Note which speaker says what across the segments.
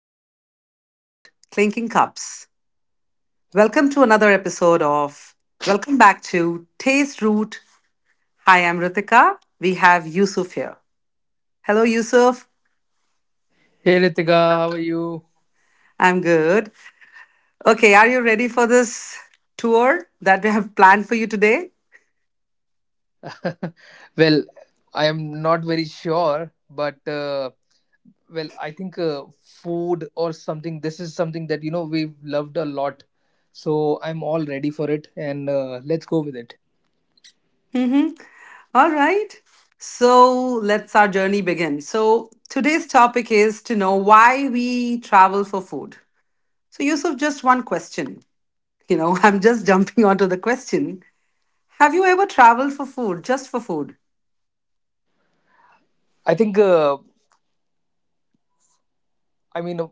Speaker 1: vendors calling out, clinking cups. Welcome to another episode of Welcome back to Taste Root. Hi, I'm Ritika. We have Yusuf here. Hello, Yusuf.
Speaker 2: Hey Ritika, how are you?
Speaker 1: I'm good. Okay, are you ready for this tour that we have planned for you today?
Speaker 2: well, I am not very sure, but I think food or something. This is something that we've loved a lot, so I'm all ready for it, and let's go with it.
Speaker 1: Mm-hmm. All right. So let's our journey begin. So today's topic is to know why we travel for food. So, Yusuf, just one question. I'm just jumping onto the question. Have you ever traveled for food, just for food?
Speaker 2: I think. I mean,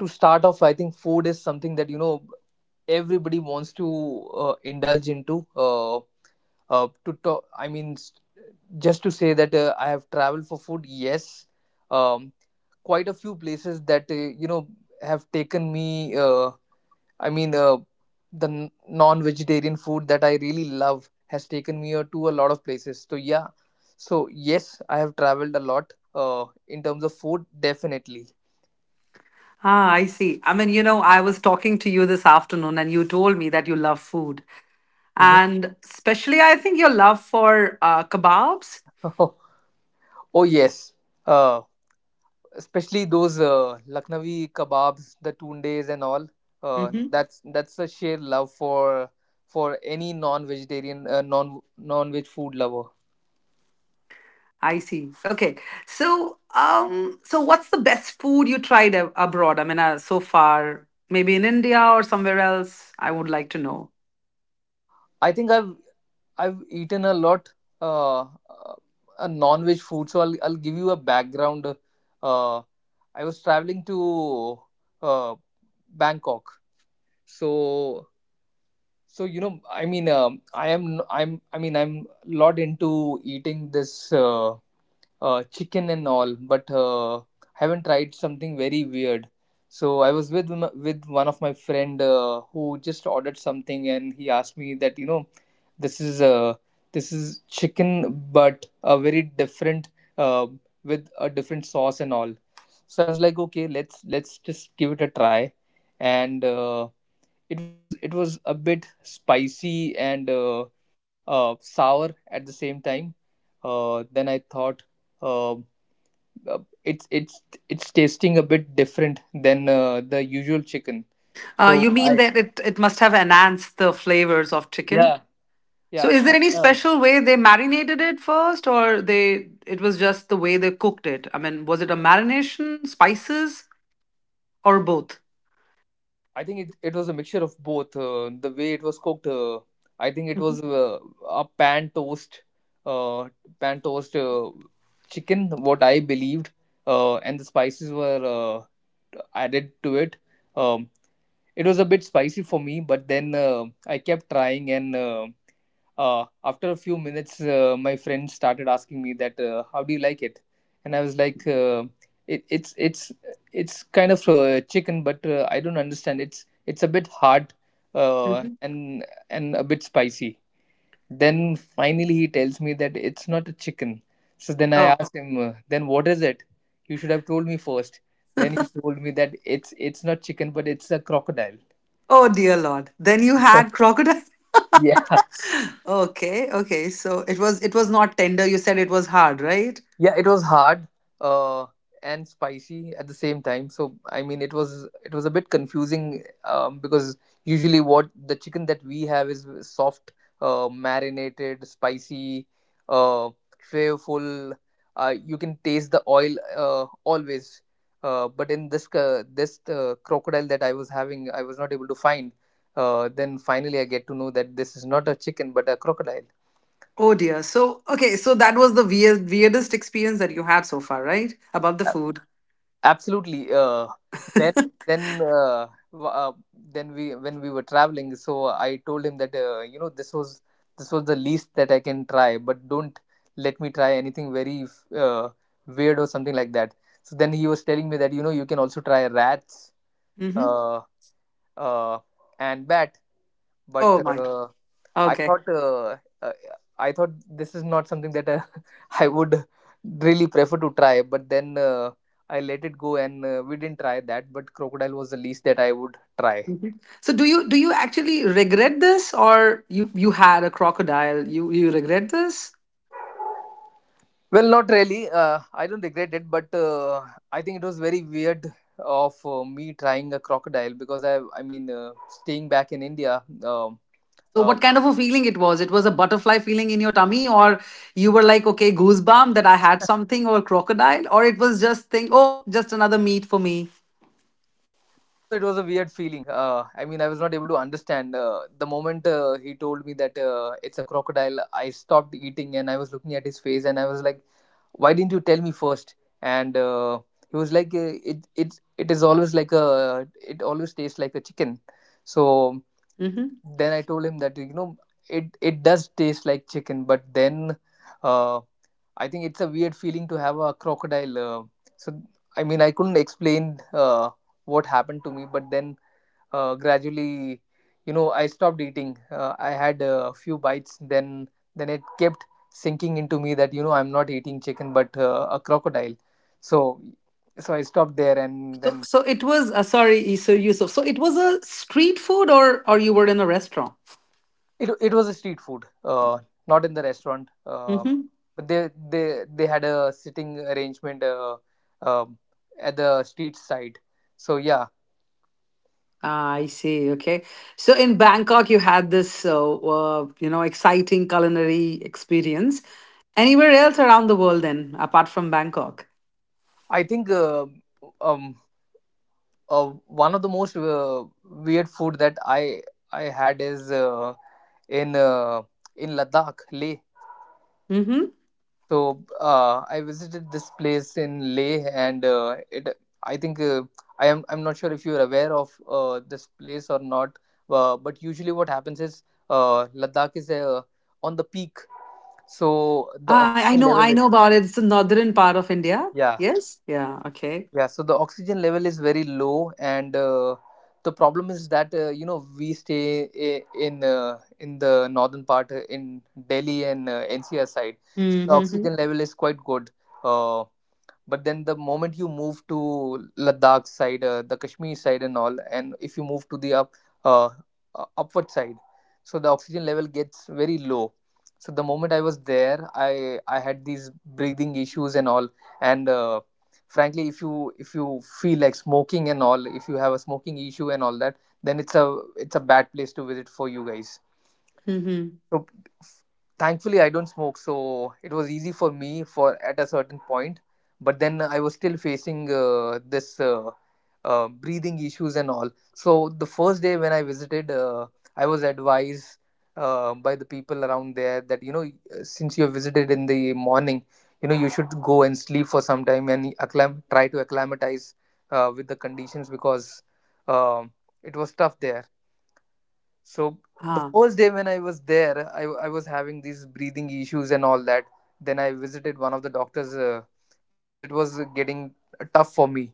Speaker 2: To start off, I think food is something that everybody wants to indulge into. To talk, I mean, Just to say that I have traveled for food, yes. um, Quite a few places that have taken me, i mean uh, the non-vegetarian food that I really love has taken me to a lot of places. So yeah, so yes, I have traveled a lot in terms of food, definitely.
Speaker 1: Ah, I see. I mean, I was talking to you this afternoon and you told me that you love food.
Speaker 2: Mhm.
Speaker 1: And especially, I think your love for kebabs.
Speaker 2: Oh yes. Uh, Especially those Lucknowi kebabs, the tundes and all. Uh,
Speaker 1: Mm-hmm.
Speaker 2: that's that's a sheer love for any non-vegetarian, non-veg food lover.
Speaker 1: I see. Okay. So what's the best food you tried abroad? I mean, so far, maybe in India or somewhere else? I would like to know.
Speaker 2: I think I've eaten a lot, uh, uh, a non-veg food, so I'll give you a background. Uh, I was traveling to uh, Bangkok, so, so you know I mean I am I'm I mean I'm lot into eating this. Chicken and all, but haven't tried something very weird. So I was with with one of my friend who just ordered something, and he asked me that, you know, this is uh, this is chicken, but a very different, uh, with a different sauce and all. So I was like, okay, let's just give it a try, and it was a bit spicy and sour at the same time. Then I thought. Um it's It's tasting a bit different than the usual chicken.
Speaker 1: Uh,
Speaker 2: So
Speaker 1: you mean
Speaker 2: I
Speaker 1: that it must have enhanced the flavors of chicken?
Speaker 2: Yeah,
Speaker 1: So
Speaker 2: yeah
Speaker 1: is there
Speaker 2: and
Speaker 1: any special way they marinated it first or they it was just the way they cooked it? I mean, was it a marination, spices or both?
Speaker 2: I think it was a mixture of both. The way it was cooked, I think it
Speaker 1: Mhm.
Speaker 2: was a pan toast, uh, pan toast uh, chicken. What I believed, and the spices were added to it. Um, it was a bit spicy for me, but then I kept trying, and after a few minutes, my friend started asking me that, "How do you like it?" And I was like, "It's kind of chicken, but I don't understand. It's a bit hard uh,
Speaker 1: Mhm.
Speaker 2: and and a bit spicy." Then finally, he tells me that it's not a chicken. So then I
Speaker 1: Oh,
Speaker 2: asked him, "Then what is it? You should have told me first." Then he told me that it's not chicken, but it's a crocodile.
Speaker 1: oh, dear Lord. Then you had crocodile.
Speaker 2: Yeah.
Speaker 1: Okay, okay. So it was not tender. You said it was hard, right?
Speaker 2: Yeah, it was hard uh, and spicy at the same time. So I mean, it was a bit confusing, because usually what the chicken that we have is soft, marinated, spicy, uh, flavorful. You can taste the oil always. But in this, crocodile that I was having, I was not able to find. Then finally, I get to know that this is not a chicken but a crocodile.
Speaker 1: Oh dear. So, okay, so that was the weirdest experience that you had so far, right? About the food.
Speaker 2: Absolutely. Then then uh, then we, when we were traveling, so I told him that, you know, this was, this was the least that I can try, but don't let me try anything very uh, weird or something like that. So then he was telling me that, you know, you can also try rats
Speaker 1: Mm-hmm.
Speaker 2: uh, uh, and bat, but
Speaker 1: Oh my.
Speaker 2: uh, I
Speaker 1: Okay.
Speaker 2: thought uh, uh, I thought this is not something that I would really prefer to try. But then I let it go, and we didn't try that. But crocodile was the least that I would try.
Speaker 1: Mhm. So do you actually regret this, or you had a crocodile? You regret this?
Speaker 2: Well, not really. I don't regret it, but I think it was very weird of me trying a crocodile because I mean, staying back in India.
Speaker 1: So what kind of a feeling it was? It was a butterfly feeling in your tummy, or you were like, okay, goosebump that I had something or crocodile, or it was just think, oh, just another meat for me.
Speaker 2: No, no, it was a weird feeling. I mean, I was not able to understand. The moment he told me that it's a crocodile, I stopped eating and I was looking at his face and I was like, "Why didn't you tell me first?" And he was like, "It it is always like a, it always tastes like a chicken." So
Speaker 1: Hmm.
Speaker 2: then I told him that, you know, it does taste like chicken, but then uh, I think it's a weird feeling to have a crocodile. So I mean, I couldn't explain uh, what happened to me, but then gradually, you know, I stopped eating. I had a few bites, then it kept sinking into me that, you know, I'm not eating chicken but a crocodile. So, so I stopped there and
Speaker 1: So
Speaker 2: then.
Speaker 1: so it was sorry, so Yusuf. So it was a street food, or you were in a restaurant.
Speaker 2: It was a street food, not in the restaurant, but they, they had a sitting arrangement, um at the street side. So yeah.
Speaker 1: Ah, I see. Okay. So in Bangkok, you had this, exciting culinary experience. Anywhere else around the world, then, apart from Bangkok?
Speaker 2: I think um uh, one of the most weird food that I had is in uh, in Ladakh, Leh.
Speaker 1: Mm-hmm.
Speaker 2: So I visited this place in Leh, and it I think I'm not sure if you are aware of this place or not. But usually, what happens is Ladakh is on the peak, so the
Speaker 1: I, I
Speaker 2: oxygen
Speaker 1: know,
Speaker 2: level
Speaker 1: I
Speaker 2: is.
Speaker 1: know about it. It's the northern part of India.
Speaker 2: Yeah.
Speaker 1: Yes. Yeah. Okay.
Speaker 2: Yeah, so the oxygen level is very low, and the problem is that, you know, we stay in, in the northern part, in Delhi and NCR side, so the
Speaker 1: Mm-hmm.
Speaker 2: oxygen level is quite good. Uh, but then the moment you move to Ladakh side, the Kashmir side and all, and if you move to the up, uh, upward side, so the oxygen level gets very low. So the moment I was there, I had these breathing issues and all. And frankly, if you feel like smoking and all, if you have a smoking issue and all that, then it's a bad place to visit for you guys.
Speaker 1: Mm-hmm.
Speaker 2: So thankfully I don't smoke, so it was easy for me for at a certain point. But then I was still facing this breathing issues and all. So the first day when I visited, I was advised by the people around there that, you know, since you visited in the morning, you know, you should go and sleep for some time and try to acclimatize with the conditions because, um, it was tough there. So the
Speaker 1: Ah.
Speaker 2: first day when I was there, I was having these breathing issues and all that. Then I visited one of the doctors because it was getting tough for me.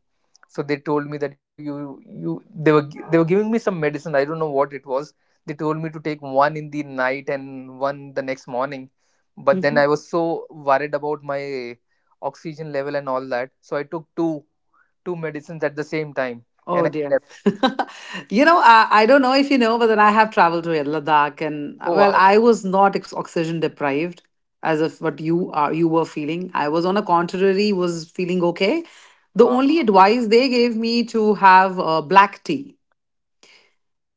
Speaker 2: So they told me that, you know, you they were gi- they were giving me some medicine. I don't know what it was. They told me to take one in the night and one the next morning. But then I was so worried about my oxygen level and all that, so I took two medicines at the same time
Speaker 1: Oh
Speaker 2: and I
Speaker 1: dear.
Speaker 2: slept.
Speaker 1: I don't know if you know, but then I have traveled to Ladakh and
Speaker 2: Oh
Speaker 1: well,
Speaker 2: wow.
Speaker 1: I was not oxygen deprived as of what you were feeling. I was on a contrary was feeling okay. The
Speaker 2: Wow.
Speaker 1: only advice they gave me to have black tea,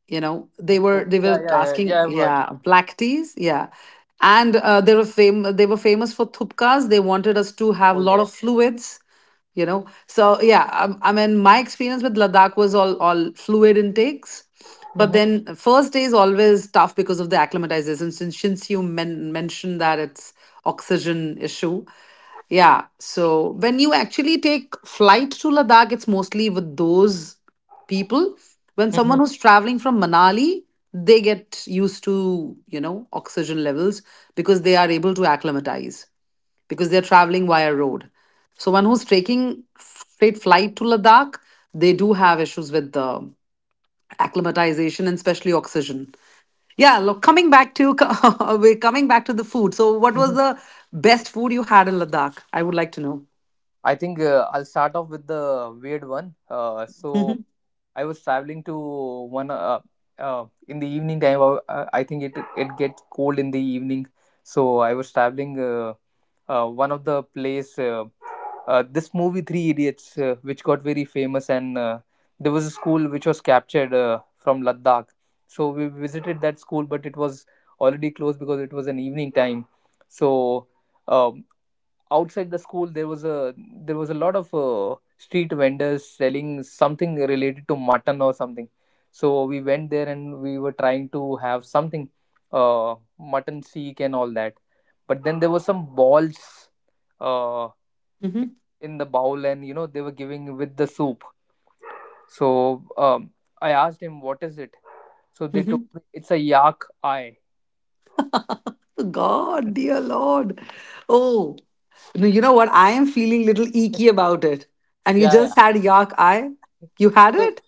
Speaker 1: you know.
Speaker 2: Oh,
Speaker 1: They were
Speaker 2: oh,
Speaker 1: they
Speaker 2: yeah,
Speaker 1: were
Speaker 2: yeah, yeah,
Speaker 1: asking,
Speaker 2: yeah, I've heard.
Speaker 1: yeah, black teas, yeah. And they were famous for thupkas. They wanted us to have
Speaker 2: Oh,
Speaker 1: a lot
Speaker 2: yeah.
Speaker 1: of fluids, so, yeah, I mean, my experience with Ladakh was all fluid intakes, but
Speaker 2: Mhm,
Speaker 1: then first day is always tough because of the acclimatization, since you mentioned that it's oxygen issue, yeah. So when you actually take flight to Ladakh, it's mostly with those people. When
Speaker 2: mhm,
Speaker 1: someone who's traveling from Manali, they get used to oxygen levels because they are able to acclimatize, because they're traveling via road. So one who's taking straight flight to Ladakh, they do have issues with the acclimatization and especially oxygen. Yeah, look, coming back to we're coming back to the food. So what was
Speaker 2: mhm.
Speaker 1: the best food you had in Ladakh? I would like to know.
Speaker 2: I think I'll start off with the weird one. So
Speaker 1: Hmm.
Speaker 2: I was traveling to one, in the evening time. I think it, it gets cold in the evening, so I was traveling. One of the place, this movie Three Idiots, which got very famous, and there was a school which was captured from Ladakh. So we visited that school, but it was already closed because it was an evening time. So. Um, Outside the school, there was a, there was a lot of street vendors selling something related to mutton or something. So we went there and we were trying to have something, mutton seek and all that. But then there was some balls uh,
Speaker 1: Hmm.
Speaker 2: in the bowl, and, you know, they were giving with the soup. So, I asked him what is it. So they
Speaker 1: Hmm.
Speaker 2: told me it's a yak eye.
Speaker 1: God, dear Lord. Oh, no, you know what? I am feeling little eeky about it. And you
Speaker 2: Yeah, yeah.
Speaker 1: just had yak eye? You had
Speaker 2: So
Speaker 1: it?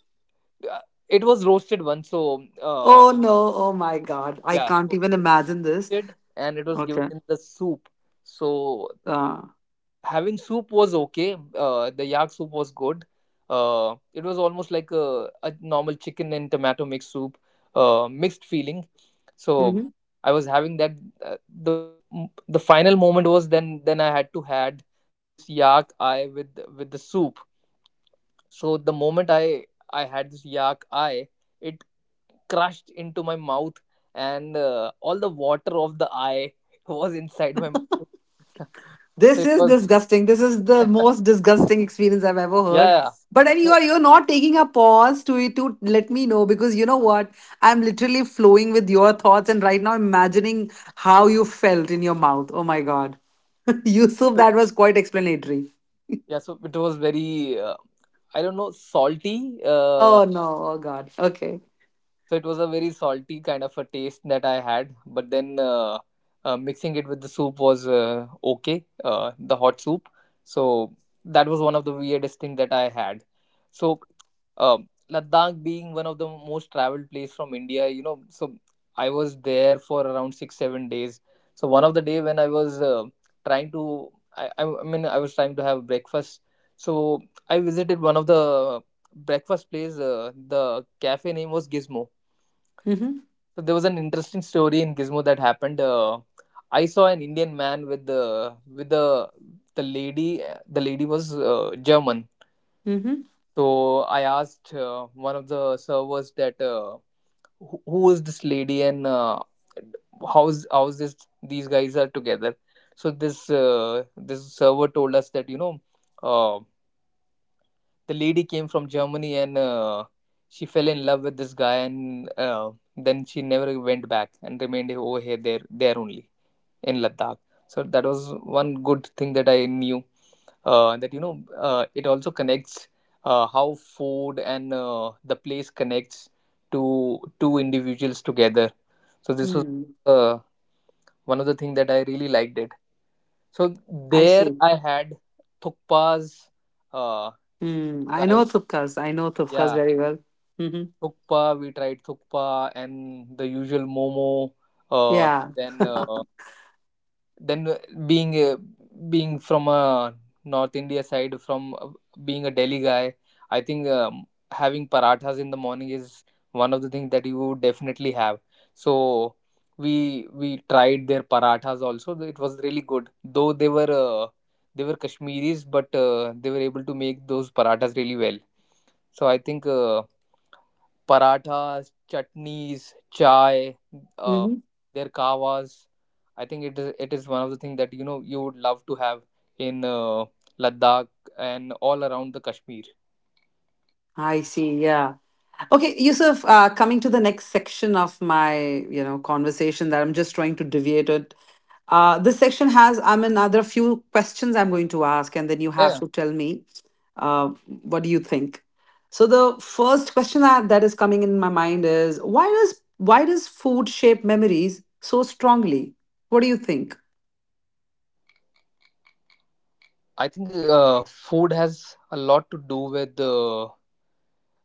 Speaker 2: uh, it was roasted one. So uh,
Speaker 1: Oh no, oh my God. I
Speaker 2: yeah,
Speaker 1: can't even imagine this.
Speaker 2: roasted and it was given
Speaker 1: Okay.
Speaker 2: in the soup. So
Speaker 1: Uh,
Speaker 2: having soup was okay. The yak soup was good. It was almost like a normal chicken and tomato mixed soup, mixed feeling. So
Speaker 1: mhm.
Speaker 2: I was having that. Uh, the the final moment was, then I had to had this yak eye with the soup. So the moment I had this yak eye, it crushed into my mouth, and all the water of the eye was inside my mouth. So
Speaker 1: This
Speaker 2: it
Speaker 1: is
Speaker 2: was,
Speaker 1: disgusting. This is the most disgusting experience I've ever
Speaker 2: yeah,
Speaker 1: heard.
Speaker 2: yeah.
Speaker 1: But and you
Speaker 2: so,
Speaker 1: are you're not taking a pause to let me know because you know what? I'm literally flowing with your thoughts and right now imagining how you felt in your mouth. Oh my god. Yusuf,
Speaker 2: so-
Speaker 1: that was quite explanatory.
Speaker 2: yeah, so it was very I don't know, salty,
Speaker 1: Oh no, oh god. Okay.
Speaker 2: so it was a very salty kind of a taste that I had. But then mixing it with the soup was, okay, the hot soup. So that was one of the weirdest thing that I had. So, Ladakh being one of the most traveled place from India, you know, so I was there for around 6-7 days. So one of the day, when I was trying to, I mean, I was trying to have breakfast. So I visited one of the breakfast place. The cafe name was Gizmo.
Speaker 1: Mm-hmm.
Speaker 2: So there was an interesting story in Gizmo that happened. I saw an Indian man with the lady. The lady was German.
Speaker 1: Mm-hmm.
Speaker 2: So I asked one of the servers that who is this lady, and how's this, these guys are together. So this server told us that, you know, uh, the lady came from Germany, and she fell in love with this guy, and then she never went back and remained over here there there only, in Ladakh. So that was one good thing that I knew, that, you know, it also connects, how food and the place connects to two individuals together. So this was,
Speaker 1: Hmm.
Speaker 2: uh, one of the things that I really liked it. So
Speaker 1: I
Speaker 2: there
Speaker 1: see.
Speaker 2: I had thukpas, uh,
Speaker 1: Hmm. I know
Speaker 2: right?
Speaker 1: Thupkas. I know Thupkas
Speaker 2: Yeah.
Speaker 1: very well. Mm-hmm.
Speaker 2: Thukpa, we tried thukpa and the usual momo. Uh,
Speaker 1: Yeah.
Speaker 2: then uh, then being being from a North India side, from, being a Delhi guy, I think having parathas in the morning is one of the things that you would definitely have. So we tried their parathas also. It was really good, though they were Kashmiris, but they were able to make those parathas really well. So I think. Parathas, chutneys, chai, uh, their kawas. I think it is one of the things that, you know, you would love to have in, Ladakh and all around the Kashmir.
Speaker 1: I see. Yeah. Okay, Yusuf, coming to the next section of my conversation that I'm just trying to deviate it. This section has, I mean, are there a few questions I'm going to ask, and then you
Speaker 2: Yeah,
Speaker 1: have to tell me uh, what do you think. So the first question that is coming in my mind is why does food shape memories so strongly? What do you think?
Speaker 2: I think food has a lot to do with the,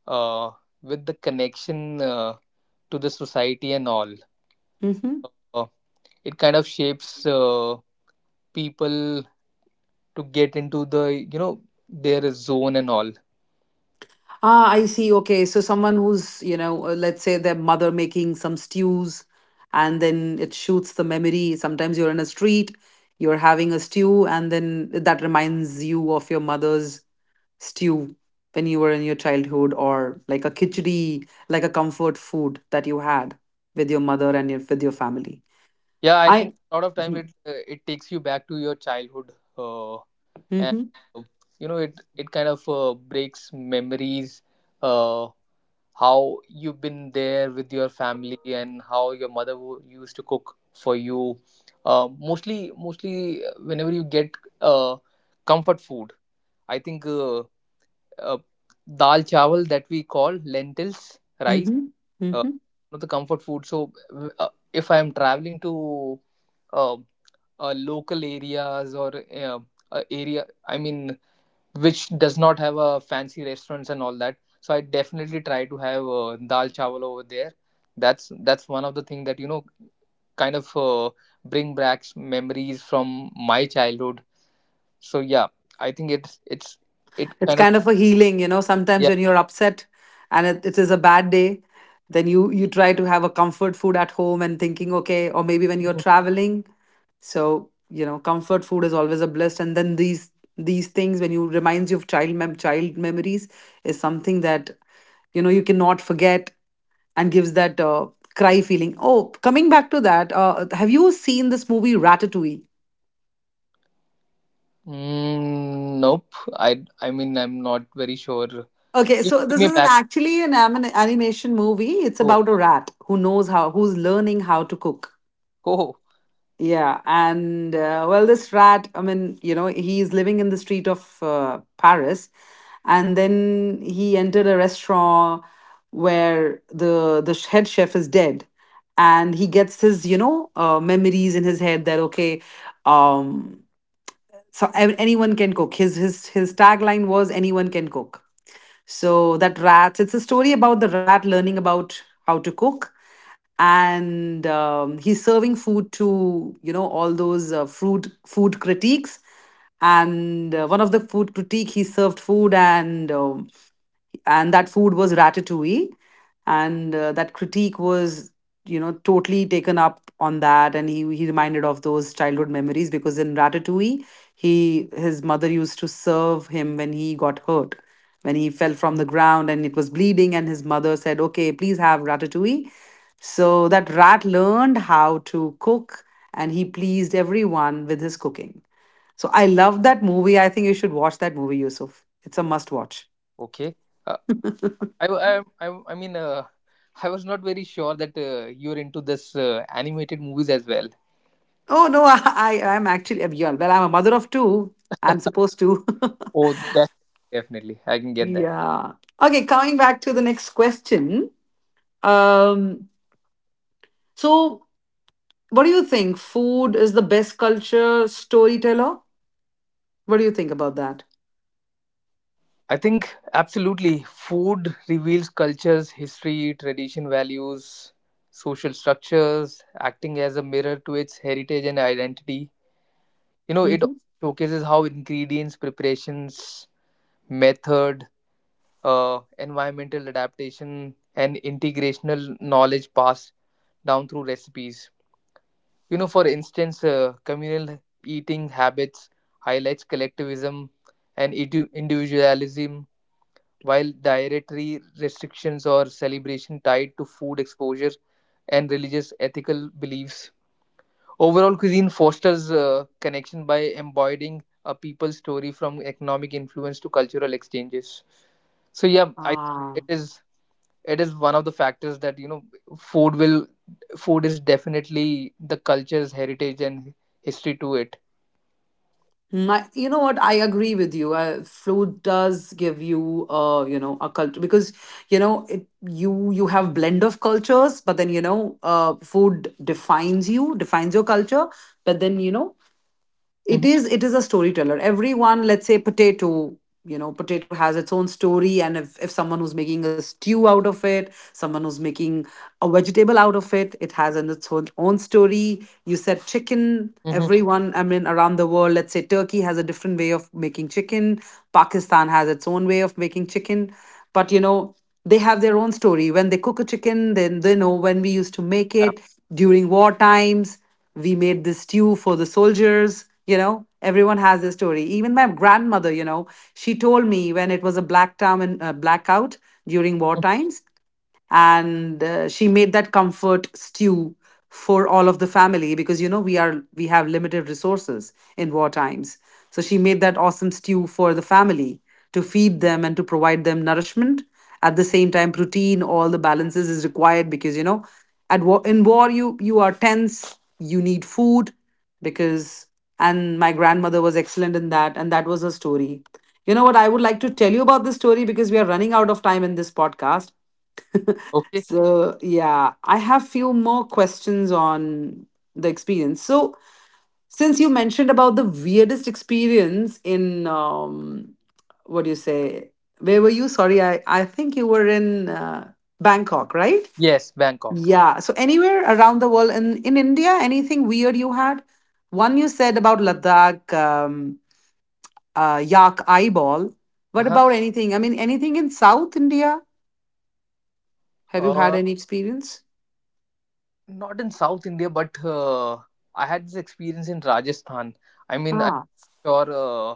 Speaker 2: uh, with the connection, to the society and all.
Speaker 1: Mm-hmm.
Speaker 2: Uh, it kind of shapes people to get into the, you know, their zone and all.
Speaker 1: Ah, I see. Okay. So someone who's, let's say their mother making some stews, and then it shoots the memory. Sometimes you're in a street, you're having a stew, and then that reminds you of your mother's stew when you were in your childhood, or like a khichdi, like a comfort food that you had with your mother and with your family.
Speaker 2: Yeah, I
Speaker 1: I.
Speaker 2: think a lot of time
Speaker 1: Mm-hmm.
Speaker 2: it takes you back to your childhood, uh, and
Speaker 1: Mm-hmm.
Speaker 2: uh, you know, it kind of breaks memories, uh, how you've been there with your family and how your mother used to cook for you. Mostly, whenever you get, uh, comfort food, I think, uh, dal chawal that we call lentils rice,
Speaker 1: Mm-hmm.
Speaker 2: uh,
Speaker 1: Mm-hmm.
Speaker 2: one of the comfort food. So if I am traveling to, uh, local areas, or area, I mean, which does not have a fancy restaurants and all that, so I definitely try to have dal chawal over there. That's one of the thing that, you know, kind of bring back memories from my childhood. So yeah, I think it's it
Speaker 1: It's
Speaker 2: kind of
Speaker 1: kind of a healing, sometimes
Speaker 2: yeah.
Speaker 1: when you're upset, and it is a bad day, then you try to have a comfort food at home and thinking okay, or maybe when you're traveling. So comfort food is always a bliss, and then these things when you reminds you of child memories is something that you know you cannot forget, and gives that cry feeling. Oh, coming back to that, have you seen this movie Ratatouille?
Speaker 2: Mm, nope. I mean, I'm not very sure.
Speaker 1: Okay,
Speaker 2: Give,
Speaker 1: so
Speaker 2: give
Speaker 1: this
Speaker 2: me
Speaker 1: is an
Speaker 2: back.
Speaker 1: actually an animation movie. It's
Speaker 2: Oh,
Speaker 1: about a rat who's learning how to cook.
Speaker 2: oh,
Speaker 1: Yeah, and well, this rat, I mean, he's living in the street of Paris, and then he entered a restaurant where the head chef is dead, and he gets his, memories in his head that, okay, um, so anyone can cook. His tagline was anyone can cook, so that rat, it's a story about the rat learning about how to cook. And he's serving food to, all those food critiques. And one of the food critique, he served food and that food was ratatouille, and that critique was totally taken up on that, and he reminded of those childhood memories, because in ratatouille he his mother used to serve him when he got hurt, when he fell from
Speaker 2: mhm.
Speaker 1: the ground and it was bleeding, and his mother said, okay, please have ratatouille. So that rat learned how to cook and he pleased everyone with his cooking. So I love that movie. I think you should watch that movie, Yusuf. It's a must watch.
Speaker 2: Okay. Uh, I, w- I mean, I was not very sure that you're into this animated movies as well.
Speaker 1: Oh no, I'm actually a beyond. Well, I'm a mother of two. I'm supposed to.
Speaker 2: Oh, definitely. I can get that.
Speaker 1: Yeah. Okay, coming back to the next question. Um, so what do you think? Food is the best culture storyteller? What do you think about that?
Speaker 2: I think absolutely. Food reveals cultures, history, tradition, values, social structures, acting as a mirror to its heritage and identity. You know, it
Speaker 1: Hmm.
Speaker 2: showcases how ingredients, preparations, methods, environmental adaptation, and integrational knowledge passed down through recipes. You know, for instance, communal eating habits highlights collectivism and individualism, while dietary restrictions or celebration tied to food exposure and religious ethical beliefs. Overall, cuisine fosters connection by embodying a people's story from economic influence to cultural exchanges. So yeah, I it
Speaker 1: Ah.
Speaker 2: is it is one of the factors that, you know, food will food is definitely the culture's heritage and history to it.
Speaker 1: My, you know what? I agree with you. Food does give you, a culture, because you know it, you have blend of cultures, but then food defines you, defines your culture, but then
Speaker 2: Hmm.
Speaker 1: it is a storyteller. Everyone, let's say potato, potato has its own story, and if someone who's making a stew out of it, someone who's making a vegetable out of it, it has an its own story. You said chicken,
Speaker 2: Hmm.
Speaker 1: everyone, I mean, around the world, let's say Turkey has a different way of making chicken, Pakistan has its own way of making chicken, but you know they have their own story. When they cook a chicken, then they know when we used to make
Speaker 2: Yeah.
Speaker 1: it during war times, we made this stew for the soldiers. Everyone has their story. Even my grandmother, she told me when it was a black town, and blackout during war
Speaker 2: Mhm.
Speaker 1: times, and she made that comfort stew for all of the family, because we have limited resources in war times, so she made that awesome stew for the family to feed them and to provide them nourishment at the same time, protein, all the balances is required, because at war, in war, you are tense, you need food, because and my grandmother was excellent in that, and that was her story. You know what, I would like to tell you about this story, because we are running out of time in this podcast.
Speaker 2: Okay.
Speaker 1: So, yeah, I have few more questions on the experience. So, since you mentioned about the weirdest experience in, what do you say? Where were you? Sorry, I think you were in Bangkok, right?
Speaker 2: Yes, Bangkok.
Speaker 1: Yeah. So, anywhere around the world in India, anything weird you had? One you said about Ladakh yak eyeball. What
Speaker 2: Uh-huh.
Speaker 1: about anything? I mean, anything in South India? Have you had
Speaker 2: uh
Speaker 1: any experience?
Speaker 2: Not in South India, but I had this experience in Rajasthan. I mean, I'm
Speaker 1: Ah.
Speaker 2: sure,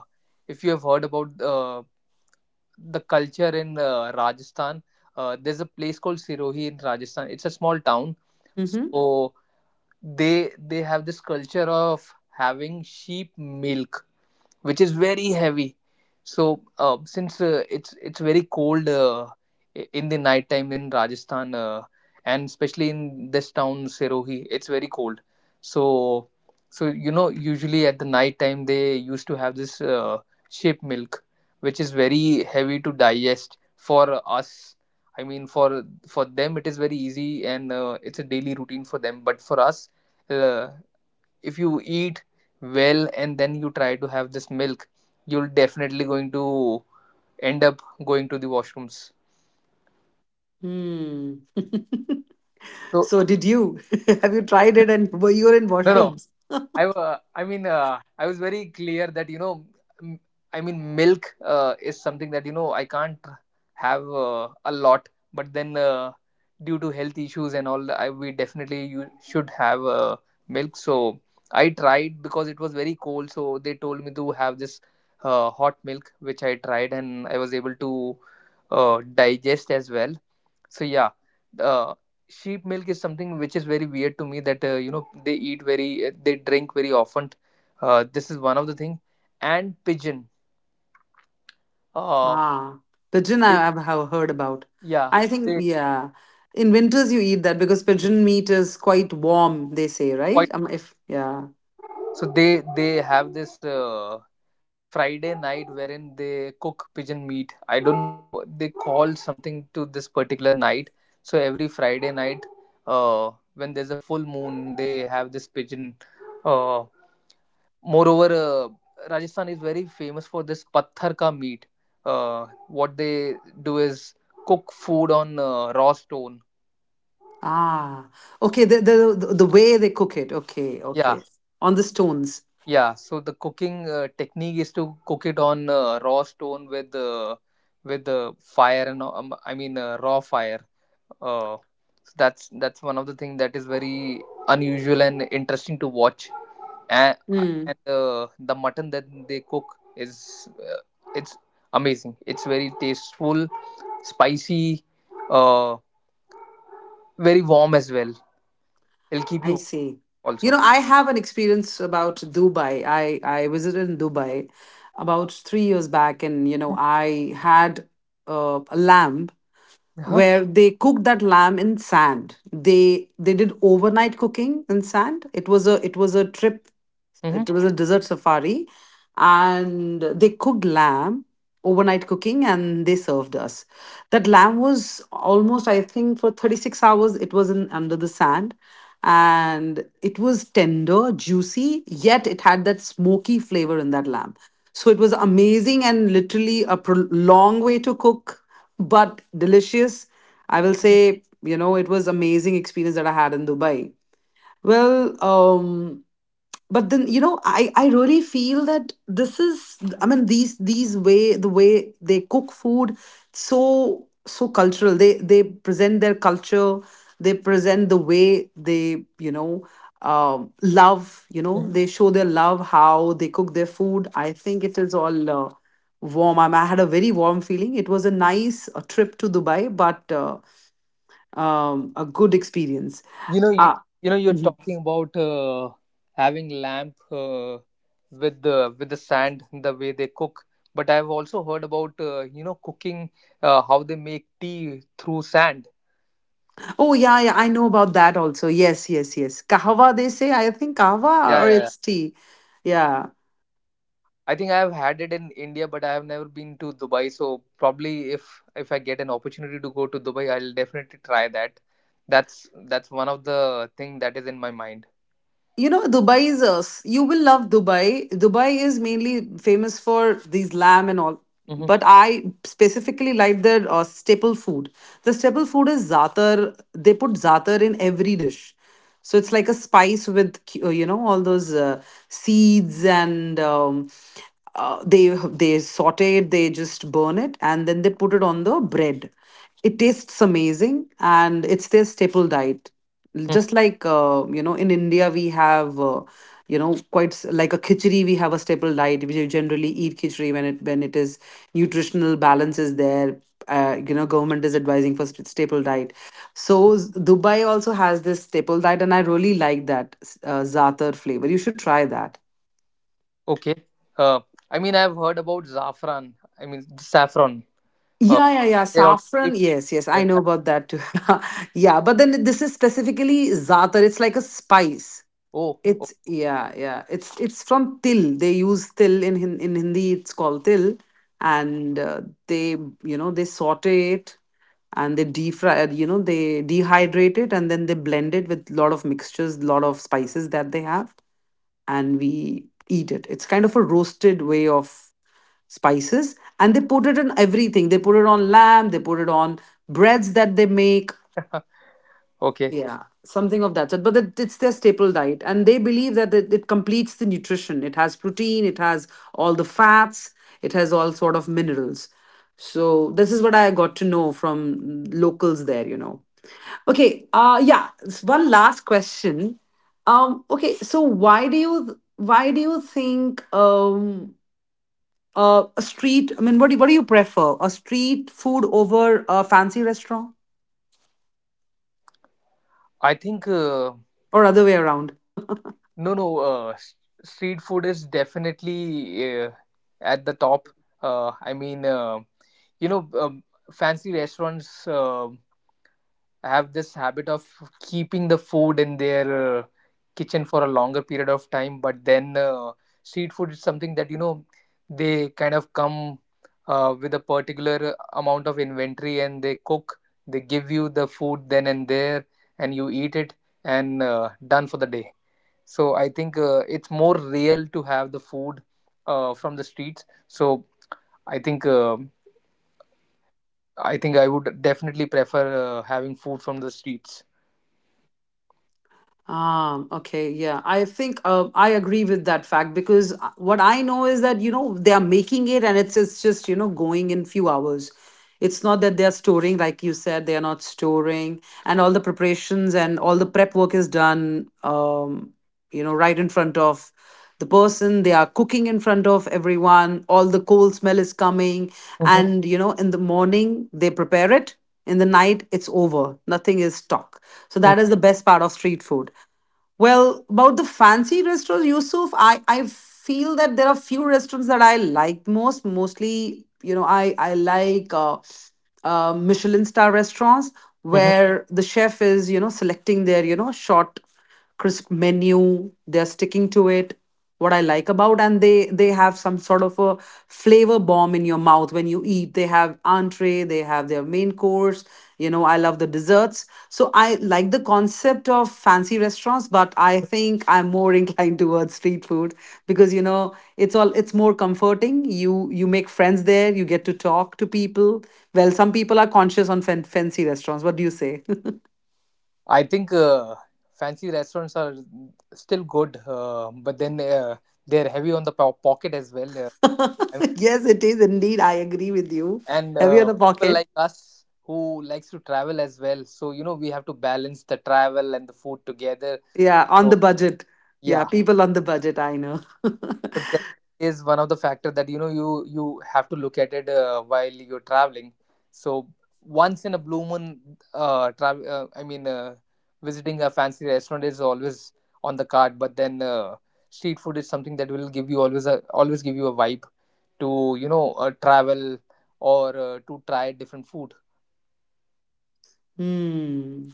Speaker 2: if you have heard about, the culture in, Rajasthan, there's a place called Sirohi in Rajasthan, it's a small town.
Speaker 1: Mm-hmm.
Speaker 2: So they have this culture of having sheep milk, which is very heavy. So since it's very cold, in the night time in Rajasthan, and especially in this town Sirohi, it's very cold. So you know, usually at the night time they used to have this, sheep milk, which is very heavy to digest for us. I mean, for them it is very easy, and it's a daily routine for them. But for us, uh, if you eat well and then you try to have this milk, you'll definitely going to end up going to the washrooms.
Speaker 1: Hmm.
Speaker 2: So
Speaker 1: So did you? Have you tried it and were you in
Speaker 2: no, no,
Speaker 1: washrooms?
Speaker 2: I was very clear that, you know, m- I mean, milk is something that, you know, I can't have a lot. But then, due to health issues and all, we definitely, you should have, milk. So I tried, because it was very cold. So they told me to have this hot milk, which I tried, and I was able to digest as well. So yeah, uh, sheep milk is something which is very weird to me, that you know, they they drink very often. This is one of the thing, and pigeon. Uh,
Speaker 1: Ah, pigeon I
Speaker 2: they-
Speaker 1: have heard about.
Speaker 2: yeah,
Speaker 1: I
Speaker 2: so
Speaker 1: think,
Speaker 2: they,
Speaker 1: yeah. In winters you eat that because
Speaker 2: yeah,
Speaker 1: pigeon meat is quite warm, they say, right?
Speaker 2: quite.
Speaker 1: If Yeah.
Speaker 2: So they have this, Friday night wherein they cook pigeon meat. I don't know they call something to this particular night. So every Friday night, when there's a full moon, they have this pigeon. Uh, Moreover, Rajasthan is very famous for this patthar ka meat. What they do is cook food on, raw stone.
Speaker 1: Ah. Okay, the way they cook it. Okay,
Speaker 2: Yeah,
Speaker 1: okay. On the stones.
Speaker 2: yeah. So the cooking technique is to cook it on, raw stone with, fire, and I mean, raw fire. Uh, so that's one of the thing that is very unusual and interesting to watch. and
Speaker 1: Hmm.
Speaker 2: and the mutton that they cook is, it's amazing, it's very tasteful, spicy, uh very warm as well, it'll keep you
Speaker 1: I
Speaker 2: warm
Speaker 1: see. You
Speaker 2: also.
Speaker 1: know, I have an experience about Dubai. I visited in Dubai about 3 years back, and you know, I had a lamb
Speaker 2: Uh-huh.
Speaker 1: where they cooked that lamb in sand. They did overnight cooking in sand. It was a trip,
Speaker 2: Hmm.
Speaker 1: it was a desert safari, and they cooked lamb, overnight cooking, and they served us. That lamb was almost, I think, for 36 hours, it was in under the sand. And it was tender, juicy, yet it had that smoky flavor in that lamb. So it was amazing and literally long way to cook, but delicious. I will say, you know, it was amazing experience that I had in Dubai. Well, um, but then you know, I really feel that this is, I mean, these way the way they cook food, so so cultural. They present their culture. They present the way they, you know, love. You know
Speaker 2: Mhm.
Speaker 1: they show their love how they cook their food. I think it is all. Warm. I had a very warm feeling, it was a nice trip to Dubai, but a good experience.
Speaker 2: you know you,
Speaker 1: uh,
Speaker 2: you know, you're talking about, having lamp, with the sand, the way they cook, but I've also heard about, you know, cooking, how they make tea through sand.
Speaker 1: Oh, yeah, yeah, I know about that also. Yes, yes, yes. Kahwa, they say, I think kahwa,
Speaker 2: Yeah,
Speaker 1: or
Speaker 2: yeah.
Speaker 1: it's tea. Yeah.
Speaker 2: I think I have had it in India, but I have never been to Dubai. So probably, if I get an opportunity to go to Dubai, I'll definitely try that. That's one of the thing that is in my mind.
Speaker 1: You know, Dubai is a, you will love Dubai. Dubai is mainly famous for these lamb and all. But
Speaker 2: Mm-hmm.
Speaker 1: I specifically like their staple food. The staple food is zaatar. They put zaatar in every dish. So it's like a spice with, you know, all those seeds, and um, uh, they they saute it, they just burn it, and then they put it on the bread. It tastes amazing, and it's their staple diet, just like, you know, in India we have, you know, quite like a khichdi. We have a staple diet, we generally eat khichdi when it is nutritional balance is there. You know, government is advising for staple diet. So Dubai also has this staple diet, and I really like that zaatar flavor. You should try that.
Speaker 2: Okay. Uh, I mean, I've heard about saffron. I mean, saffron. Uh,
Speaker 1: Yeah, yeah, yeah.
Speaker 2: they're also
Speaker 1: Saffron.
Speaker 2: very
Speaker 1: Yes, yes. I
Speaker 2: famous.
Speaker 1: know about that too. yeah, but then this is specifically zaatar. It's like a spice.
Speaker 2: Oh, okay.
Speaker 1: It's yeah, yeah. It's from til. They use til in in Hindi. It's called til, and they you know they saute it, and they defry. You know they dehydrate it and then they blend it with lot of mixtures, lot of spices that they have, and we eat it. It's kind of a roasted way of spices, and they put it on everything. They put it on lamb, they put it on breads that they make.
Speaker 2: Okay.
Speaker 1: Yeah, something of that sort. But it's their staple diet. And they believe that it completes the nutrition. It has protein, it has all the fats, it has all sort of minerals. So this is what I got to know from locals there, you know. Okay, yeah, it's one last question. Okay, so why do you, why do you think, a street, I mean, what do, what do you prefer? A street food over a fancy restaurant,
Speaker 2: I think
Speaker 1: or other way around?
Speaker 2: no, no. Street food is definitely, uh, at the top. I mean, you know, fancy restaurants have this habit of keeping the food in their, kitchen for a longer period of time. But then, street food is something that, you know, they kind of come, with a particular amount of inventory, and they cook. They give you the food then and there, and you eat it, and done for the day. So I think, it's more real to have the food, from the streets. So I think, I would definitely prefer, having food from the streets.
Speaker 1: Okay, yeah. I think I agree with that fact, because what I know is that, you know, they are making it and it's just, you know, going in few hours. It's not that they are storing, like you said, they are not storing, and all the preparations and all the prep work is done. You know, right in front of the person. They are cooking in front of everyone. All the coal smell is coming.
Speaker 2: Hmm.
Speaker 1: And, you know, in the morning, they prepare it. In the night, it's over. Nothing is stock. So that is the best part of street food. Well, about the fancy restaurants, Yusuf, I feel that there are few restaurants that I like most. Mostly, you know, I like Michelin star restaurants
Speaker 2: Hmm.
Speaker 1: where the chef is, you know, selecting their, you know, short, crisp menu. They're sticking to it what I like about, and they have some sort of a flavor bomb in your mouth when you eat. They have entree, they have their main course. You know, I love the desserts, so I like the concept of fancy restaurants, but I think I'm more inclined towards street food because you know it's all, it's more comforting. You make friends there, you get to talk to people. Well, some people are conscious on fancy restaurants. What do you say?
Speaker 2: I think fancy restaurants are still good, but then, they're heavy on the pocket as well. And
Speaker 1: yes, it is indeed. I agree with you.
Speaker 2: and,
Speaker 1: Heavy on the
Speaker 2: people
Speaker 1: pocket.
Speaker 2: like us who likes to travel as well, so you know, we have to balance the travel and the food together.
Speaker 1: Yeah, on
Speaker 2: So
Speaker 1: the budget. Yeah,
Speaker 2: yeah.
Speaker 1: people on the budget, I know.
Speaker 2: So that is one of the factor that, you know, you have to look at it, while you're traveling. So once in a blue moon, uh, travel. Uh, I mean, uh, visiting a fancy restaurant is always on the card. But then, street food is something that will give you always a always give you a vibe to, you know, travel or, to try different food.
Speaker 1: Hmm.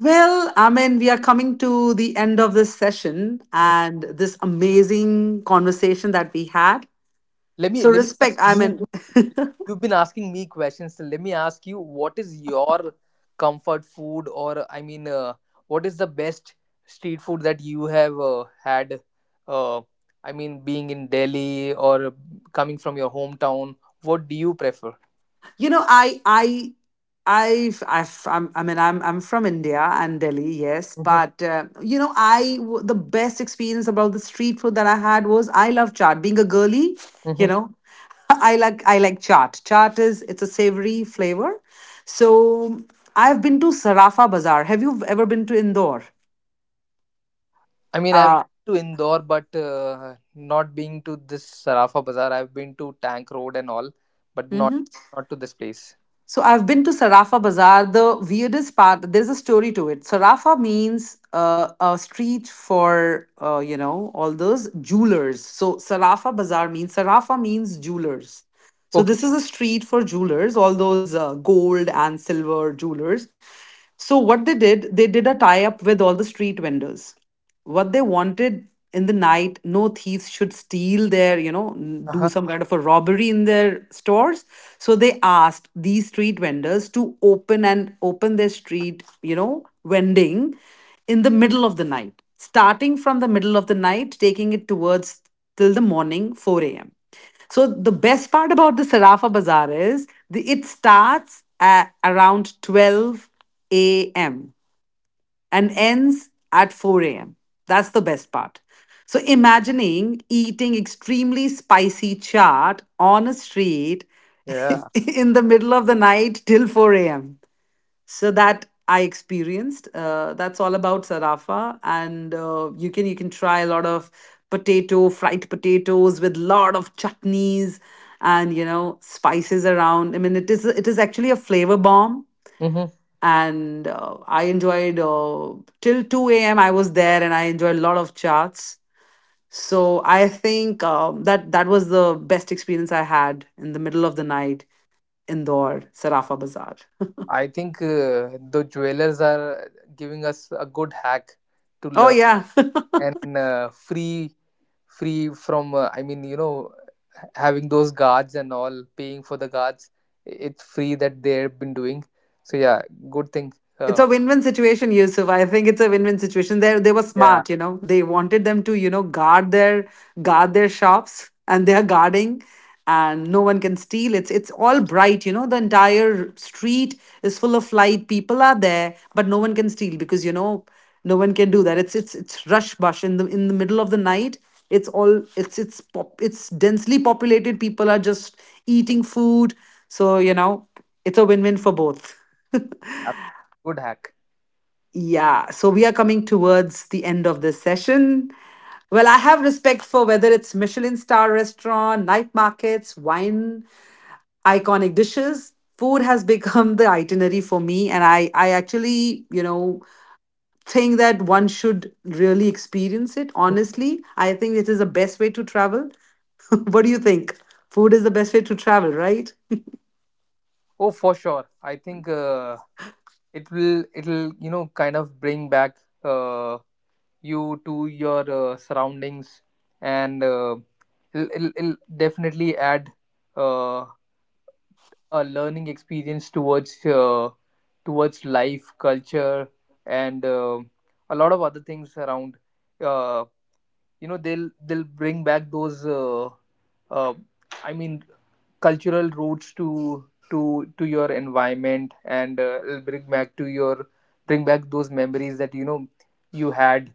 Speaker 1: Well, I mean, we are coming to the end of this session
Speaker 2: Mm.
Speaker 1: and this amazing conversation that we had.
Speaker 2: Let me
Speaker 1: So,
Speaker 2: let me ask
Speaker 1: respect, I mean,
Speaker 2: you. You've been asking me questions, so let me ask you, what is your comfort food, or I mean, what is the best street food that you have, had? Uh, I mean, being in Delhi or coming from your hometown, what do you prefer?
Speaker 1: you know, I, I've, I'm, I mean, I'm from India and Delhi, yes,
Speaker 2: Hmm.
Speaker 1: but you know, the best experience about the street food that I had was I love chaat. Being a girly, you
Speaker 2: Hmm.
Speaker 1: know, I like chaat. Chaat is, it's a savory flavor. So I've been to Sarafa Bazaar. Have you ever been to Indore?
Speaker 2: I mean, I've
Speaker 1: Uh,
Speaker 2: been to Indore, but not being to this Sarafa Bazaar. I've been to Tank Road and all, but
Speaker 1: mhm.
Speaker 2: not to this place.
Speaker 1: So I've been to Sarafa Bazaar. The weirdest part, there's a story to it. Sarafa means a street for, you know, all those jewelers. So Sarafa Bazaar means, Sarafa means jewelers. So
Speaker 2: Okay.
Speaker 1: this is a street for jewelers, all those gold and silver jewelers. So what they did a tie up with all the street vendors, what they wanted in the night, no thieves should steal their, you know, do
Speaker 2: Uh-huh.
Speaker 1: some kind of a robbery in their stores. So they asked these street vendors to open and open their street, you know, vending in the middle of the night, starting from the middle of the night, taking it towards till the morning 4 a.m. So the best part about the Sarafa Bazaar is the, it starts at around 12 a.m and ends at 4 a.m. That's the best part. So imagining eating extremely spicy chaat on a street
Speaker 2: Yeah.
Speaker 1: in the middle of the night till 4 a.m. So that I experienced. That's all about Sarafa, and you can, you can try a lot of potato, fried potatoes, with lot of chutneys, and you know spices around. I mean, it is, it is actually a flavor bomb,
Speaker 2: Hmm.
Speaker 1: and I enjoyed till 2 a.m. I was there and I enjoyed a lot of charts. So I think that that was the best experience I had in the middle of the night in Indore, Sarafa Bazaar.
Speaker 2: I think the jewelers are giving us a good hack to
Speaker 1: Oh
Speaker 2: learn,
Speaker 1: yeah,
Speaker 2: and free from. I mean, you know, having those guards and all, paying for the guards, it's free that they've been doing. So yeah, good thing.
Speaker 1: it's
Speaker 2: Uh,
Speaker 1: a win-win situation, Yusuf. I think it's a win-win situation. They were
Speaker 2: yeah,
Speaker 1: smart, you know. They wanted them to, you know, guard their shops, and they are guarding, and no one can steal. It's all bright, you know. The entire street is full of light. People are there, but no one can steal because you know no one can do that. It's it's rush bush in the middle of the night. It's all, it's pop, it's densely populated. People are just eating food, so you know it's a win-win for both.
Speaker 2: ab- Good hack.
Speaker 1: Yeah, so we are coming towards the end of this session. Well, I have respect for whether it's Michelin star restaurant, night markets, wine, iconic dishes. Food has become the itinerary for me, and I actually, you know, think that one should really experience it.
Speaker 2: Mm.
Speaker 1: Honestly, I think it is the best way to travel. What do you think? Food is the best way to travel, right?
Speaker 2: Oh, for sure. I think it will. It'll, you know, kind of bring back, Uh, you to your, surroundings, and it'll definitely add, uh, a learning experience towards, towards life culture, and a lot of other things around, uh, you know, they'll bring back those, uh, I mean, cultural roots to to to your environment, and it'll bring back to your, bring back those memories that, you know, you had.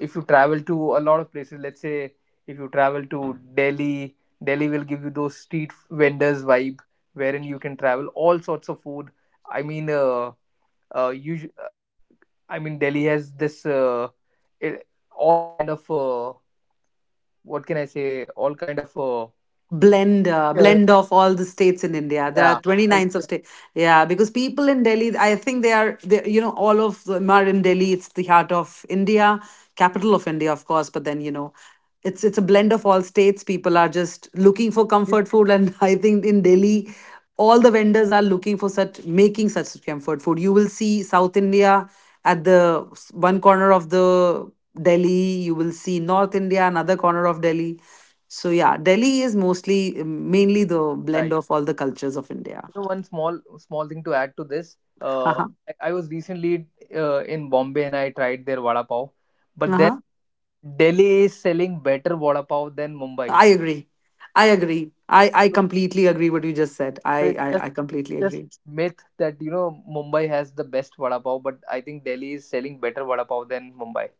Speaker 2: If you travel to a lot of places, let's say, if you travel to Delhi, Delhi will give you those street vendors vibe, wherein you can travel all sorts of food. I mean, uh usu- Delhi has this, it, all kind of, what can I say, all kind of,
Speaker 1: Blender,
Speaker 2: yeah,
Speaker 1: blend of all the states in India. There
Speaker 2: yeah,
Speaker 1: are 29 of
Speaker 2: culture,
Speaker 1: state. Yeah, because people in Delhi, I think they are, they, you know, all of them are in Delhi. It's the heart of India, capital of India, of course, but then you know it's a blend of all states. People are just looking for
Speaker 2: you know,
Speaker 1: comfort food, and I think in Delhi all the vendors are looking for such, making such comfort food. You will see South India at the one corner of the Delhi, you will see North India, another corner of Delhi. So yeah, Delhi is mostly mainly the blend
Speaker 2: right.
Speaker 1: of all the cultures of India.
Speaker 2: You know, one small small thing to add to this.
Speaker 1: Uh-huh.
Speaker 2: I was recently, in Bombay, and I tried their vada pav, but then
Speaker 1: Uh-huh.
Speaker 2: Delhi is selling better vada pav than Mumbai.
Speaker 1: I agree. I agree. I
Speaker 2: So
Speaker 1: completely agree what you just said.
Speaker 2: so
Speaker 1: I,
Speaker 2: it's just
Speaker 1: I I completely
Speaker 2: just
Speaker 1: agree.
Speaker 2: myth that, you know, Mumbai has the best vada pav, but I think Delhi is selling better vada pav than Mumbai.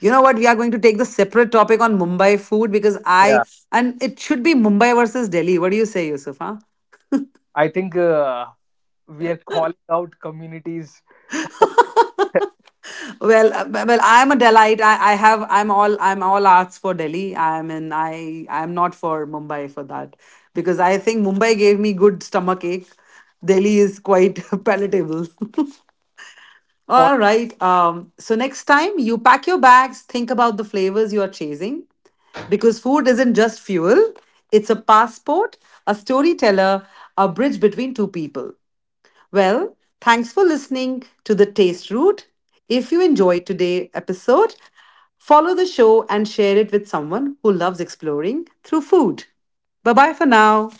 Speaker 1: You know what? We are going to take the separate topic on Mumbai food because
Speaker 2: Yeah,
Speaker 1: I, and it should be Mumbai versus Delhi. What do you say, Yusuf? Huh?
Speaker 2: I think we are calling out communities
Speaker 1: Well, I'm a Delite. I have. I'm all. I'm all arts for Delhi. I'm in. I. I'm not for Mumbai for that, because I think Mumbai gave me good stomach ache. Delhi is quite palatable. All
Speaker 2: for
Speaker 1: right. So next time you pack your bags, think about the flavors you are chasing, because food isn't just fuel. It's a passport, a storyteller, a bridge between two people. Well, thanks for listening to The Taste Route. If you enjoyed today's episode, follow the show and share it with someone who loves exploring through food. Bye bye for now.